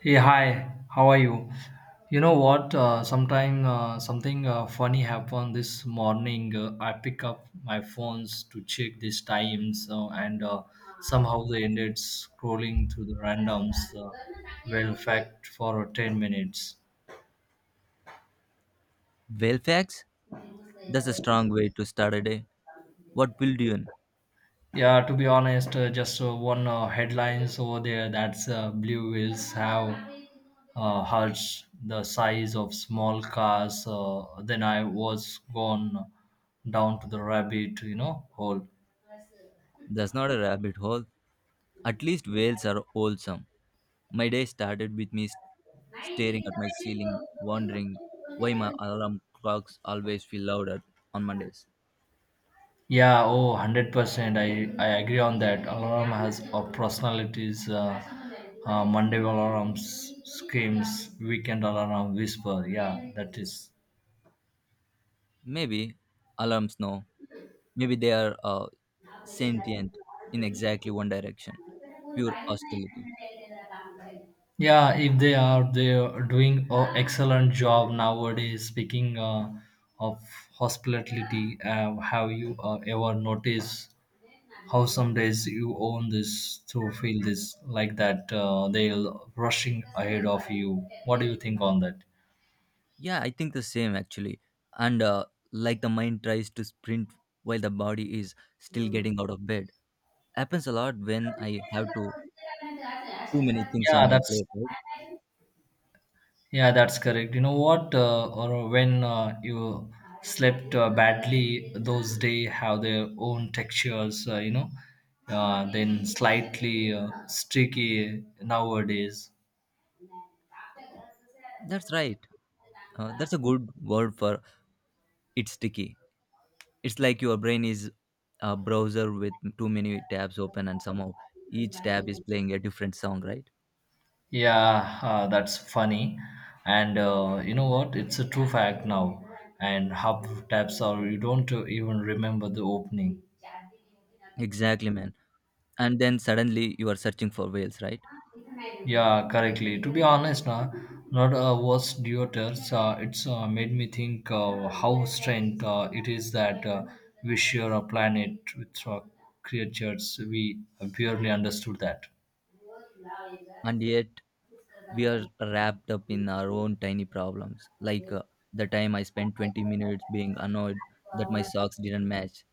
Hey, hi, how are you? You know what? Sometime something funny happened this morning. I pick up my phones to check these times, and somehow they ended scrolling through the randoms. Well, fact for 10 minutes. Fairfax? That's a strong way to start a day. What pulled you in? Yeah, to be honest, just one headlines over there. That's blue whales have herds the size of small cars. Then I was gone down to the rabbit hole. That's not a rabbit hole. At least whales are wholesome. My day started with staring at my ceiling, wondering why my alarm clocks always feel louder on Mondays. Yeah, oh, 100%. I agree on that. Alarm has a personalities, Monday alarms, screams, weekend alarm, whisper. Yeah, that is. Maybe alarms know. Maybe they are sentient in exactly one direction. Pure hostility. Yeah, if they are, they are doing an excellent job nowadays. Speaking of hospitality, have you ever noticed how some days you own this to feel this like that they'll rushing ahead of you? What do you think on that? Yeah, I think the same actually. And Like the mind tries to sprint while the body is still getting out of bed. Happens a lot when I have to too many things on Yeah, my that's plate. Right? Yeah, that's correct. You know what? Or when you slept badly, those day have their own textures. Then slightly streaky nowadays. That's right. That's a good word for it's sticky. It's like your brain is a browser with too many tabs open, and somehow each tab is playing a different song. Right? Yeah, that's funny. And you know what? It's a true fact now. And half taps are you don't even remember the opening. Exactly, man. And then suddenly you are searching for whales, right? Yeah, correctly. To be honest, na not was Deuters. It's made me think how strange it is that we share a planet with creatures we barely understood that. And yet we are wrapped up in our own tiny problems, like the time I spent 20 minutes being annoyed that my socks didn't match.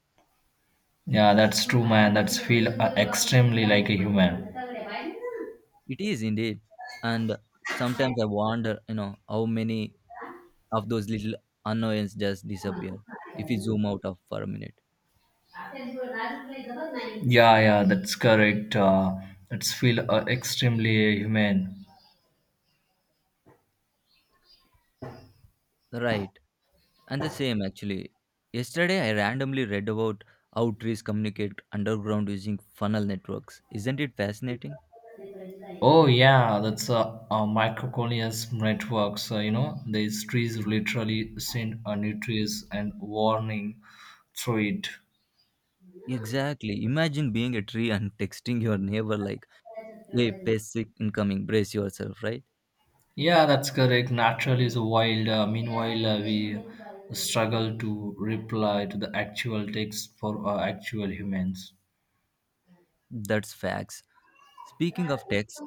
Yeah, that's true, man. That's feel extremely like a human. It is indeed. And sometimes I wonder, you know, how many of those little annoyances just disappear if we zoom out of for a minute. Yeah, yeah, that's correct. It's feel extremely human. Right. And the same actually. Yesterday I randomly read about how trees communicate underground using funnel networks. Isn't it fascinating? Oh yeah, that's a microcolonial network. So you know these trees literally send a nutrients and warning through it. Exactly. Imagine being a tree and texting your neighbor like a basic incoming. Brace yourself, right? Yeah, that's correct. Natural is wild. Meanwhile, we struggle to reply to the actual text for actual humans. That's facts. Speaking of text,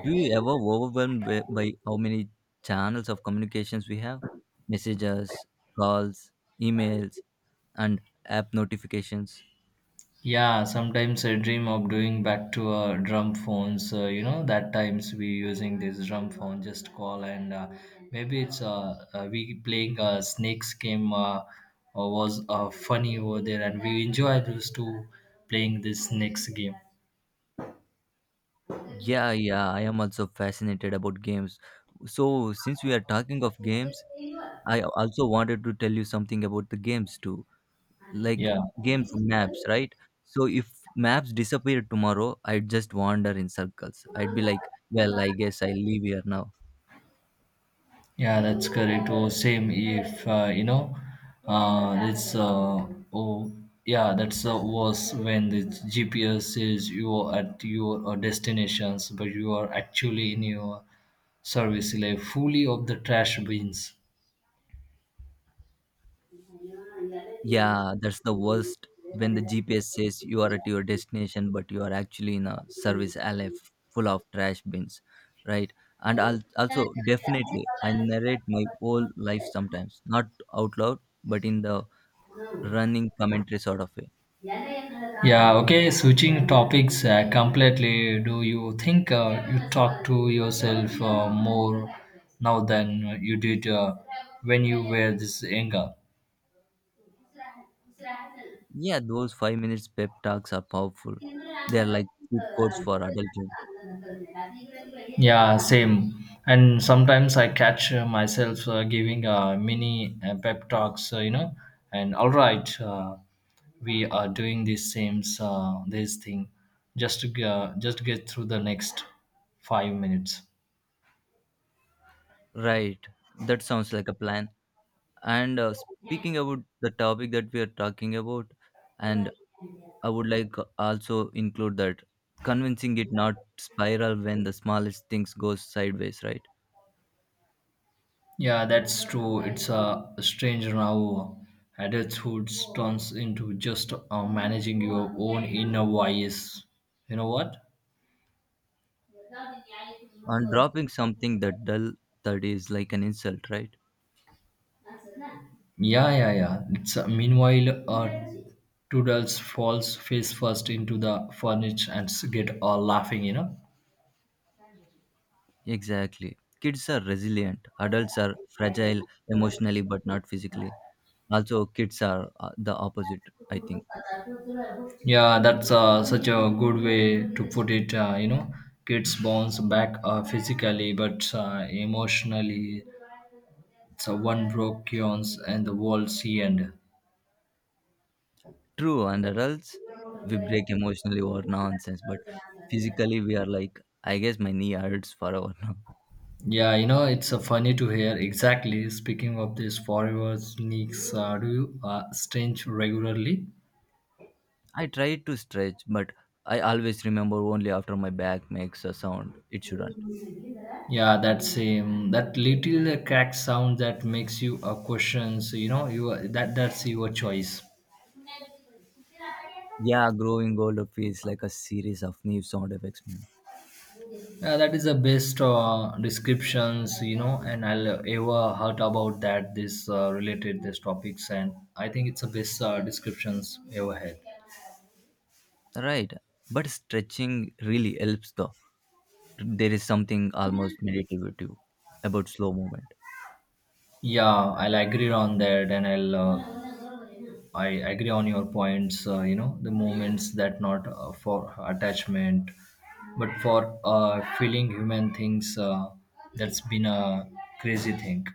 do you ever overwhelmed by how many channels of communications we have? Messages, calls, emails, and app notifications. Yeah, sometimes I dream of doing back to drum phones. You know, that times we using this drum phone, just call and maybe it's we playing a snakes game was funny over there, and we enjoy those two playing this snakes game. Yeah, yeah, I am also fascinated about games. So since we are talking of games, I also wanted to tell you something about the games too, like Yeah. games and maps, right? So if maps disappear tomorrow, I'd just wander in circles. I'd be like, well, I guess I leave here now. Yeah, that's correct. Oh, same if you know, it's oh yeah, that's was when the GPS says you are at your destinations, but you are actually in your service like fully of the trash bins. Yeah, that's the worst when the GPS says you are at your destination, but you are actually in a service alley full of trash bins, right? And I'll also definitely I narrate my whole life sometimes, not out loud, but in the running commentary sort of way. Yeah, okay, switching topics completely. Do you think you talk to yourself more now than you did when you were this younger? Yeah, those 5 minutes pep talks are powerful. They are like cheat codes for adulthood. Yeah, same. And sometimes I catch myself giving mini pep talks, you know, and all right, we are doing this same this thing just to just get through the next 5 minutes. Right. That sounds like a plan. And speaking about the topic that we are talking about, and I would like also include that convincing it not spiral when the smallest things goes sideways, right? Yeah, that's true. It's strange how Adulthood turns into just managing your own inner voice. You know what? And dropping something that dull, that is like an insult, right? Yeah, yeah, yeah. It's, meanwhile, Toodles falls face first into the furniture and get all laughing, you know. Exactly. Kids are resilient. Adults are fragile emotionally but not physically. Also, kids are the opposite, I think. Yeah, that's such a good way to put it. You know, kids bounce back physically, but emotionally, it's a one broke yawns and the world see end. True, and adults, we break emotionally over nonsense, but physically we are like, I guess my knee hurts forever now. Yeah, you know, it's funny to hear. Exactly. Speaking of this forever sneaks, do you stench regularly? I try to stretch, but I always remember only after my back makes a sound. It shouldn't. Yeah, that same that little crack sound that makes you question. So you know, you that's your choice. Yeah, growing older feels like a series of new sound effects, man. Yeah, that is the best descriptions you know, and I'll ever heard about that. This related this topics, and I think it's the best descriptions ever had. Right, but stretching really helps though. There is something almost meditative about slow movement. Yeah, I'll agree on that, and I agree on your points. You know, the moments that not for attachment, but for feeling human things. That's been a crazy thing.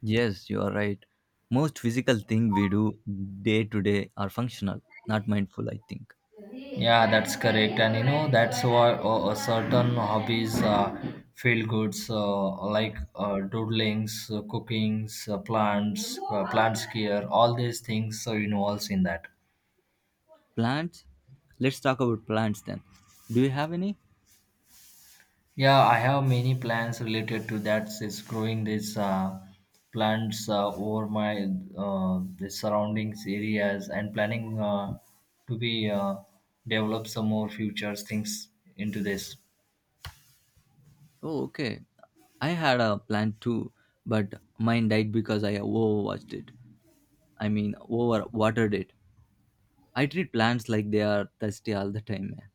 Yes, you are right. Most physical thing we do day to day are functional, not mindful, I think. Yeah, that's correct. And you know, that's why certain hobbies, feel goods, like doodlings, cookings, plants, plants care, all these things involves in that. Plants? Let's talk about plants then. Do you have any? Yeah, I have many plans related to that. Is growing these plants over my the surroundings areas and planning to be develop some more future things into this. Oh, okay. I had a plant too, but mine died because I overwatched it. I mean, over watered it. I treat plants like they are thirsty all the time, man.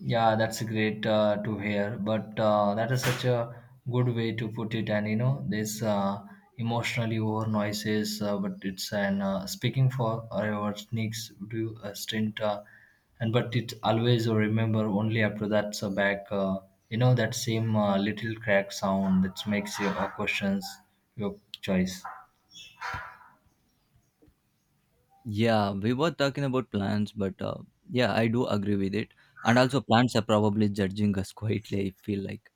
Yeah, that's great to hear. But that is such a good way to put it. And you know, this emotionally over noises, but it's an speaking for our sneaks do a stint. And but it always remember only after that's back. You know that same little crack sound that makes your questions your choice. Yeah, we were talking about plants, but yeah, I do agree with it. And also, plants are probably judging us quietly, I feel like.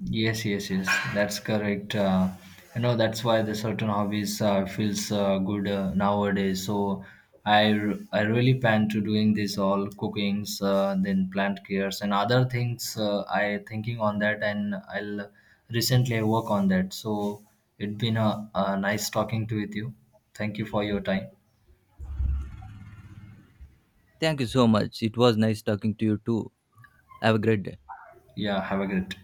Yes, yes, yes. That's correct. You know, that's why the certain hobbies feels good nowadays. So I really plan to doing this all cookings, then plant cares and other things. I thinking on that, and I'll recently I work on that. So it's been a nice talking to with you. Thank you for your time. Thank you so much. It was nice talking to you too. Have a great day. Yeah, have a great.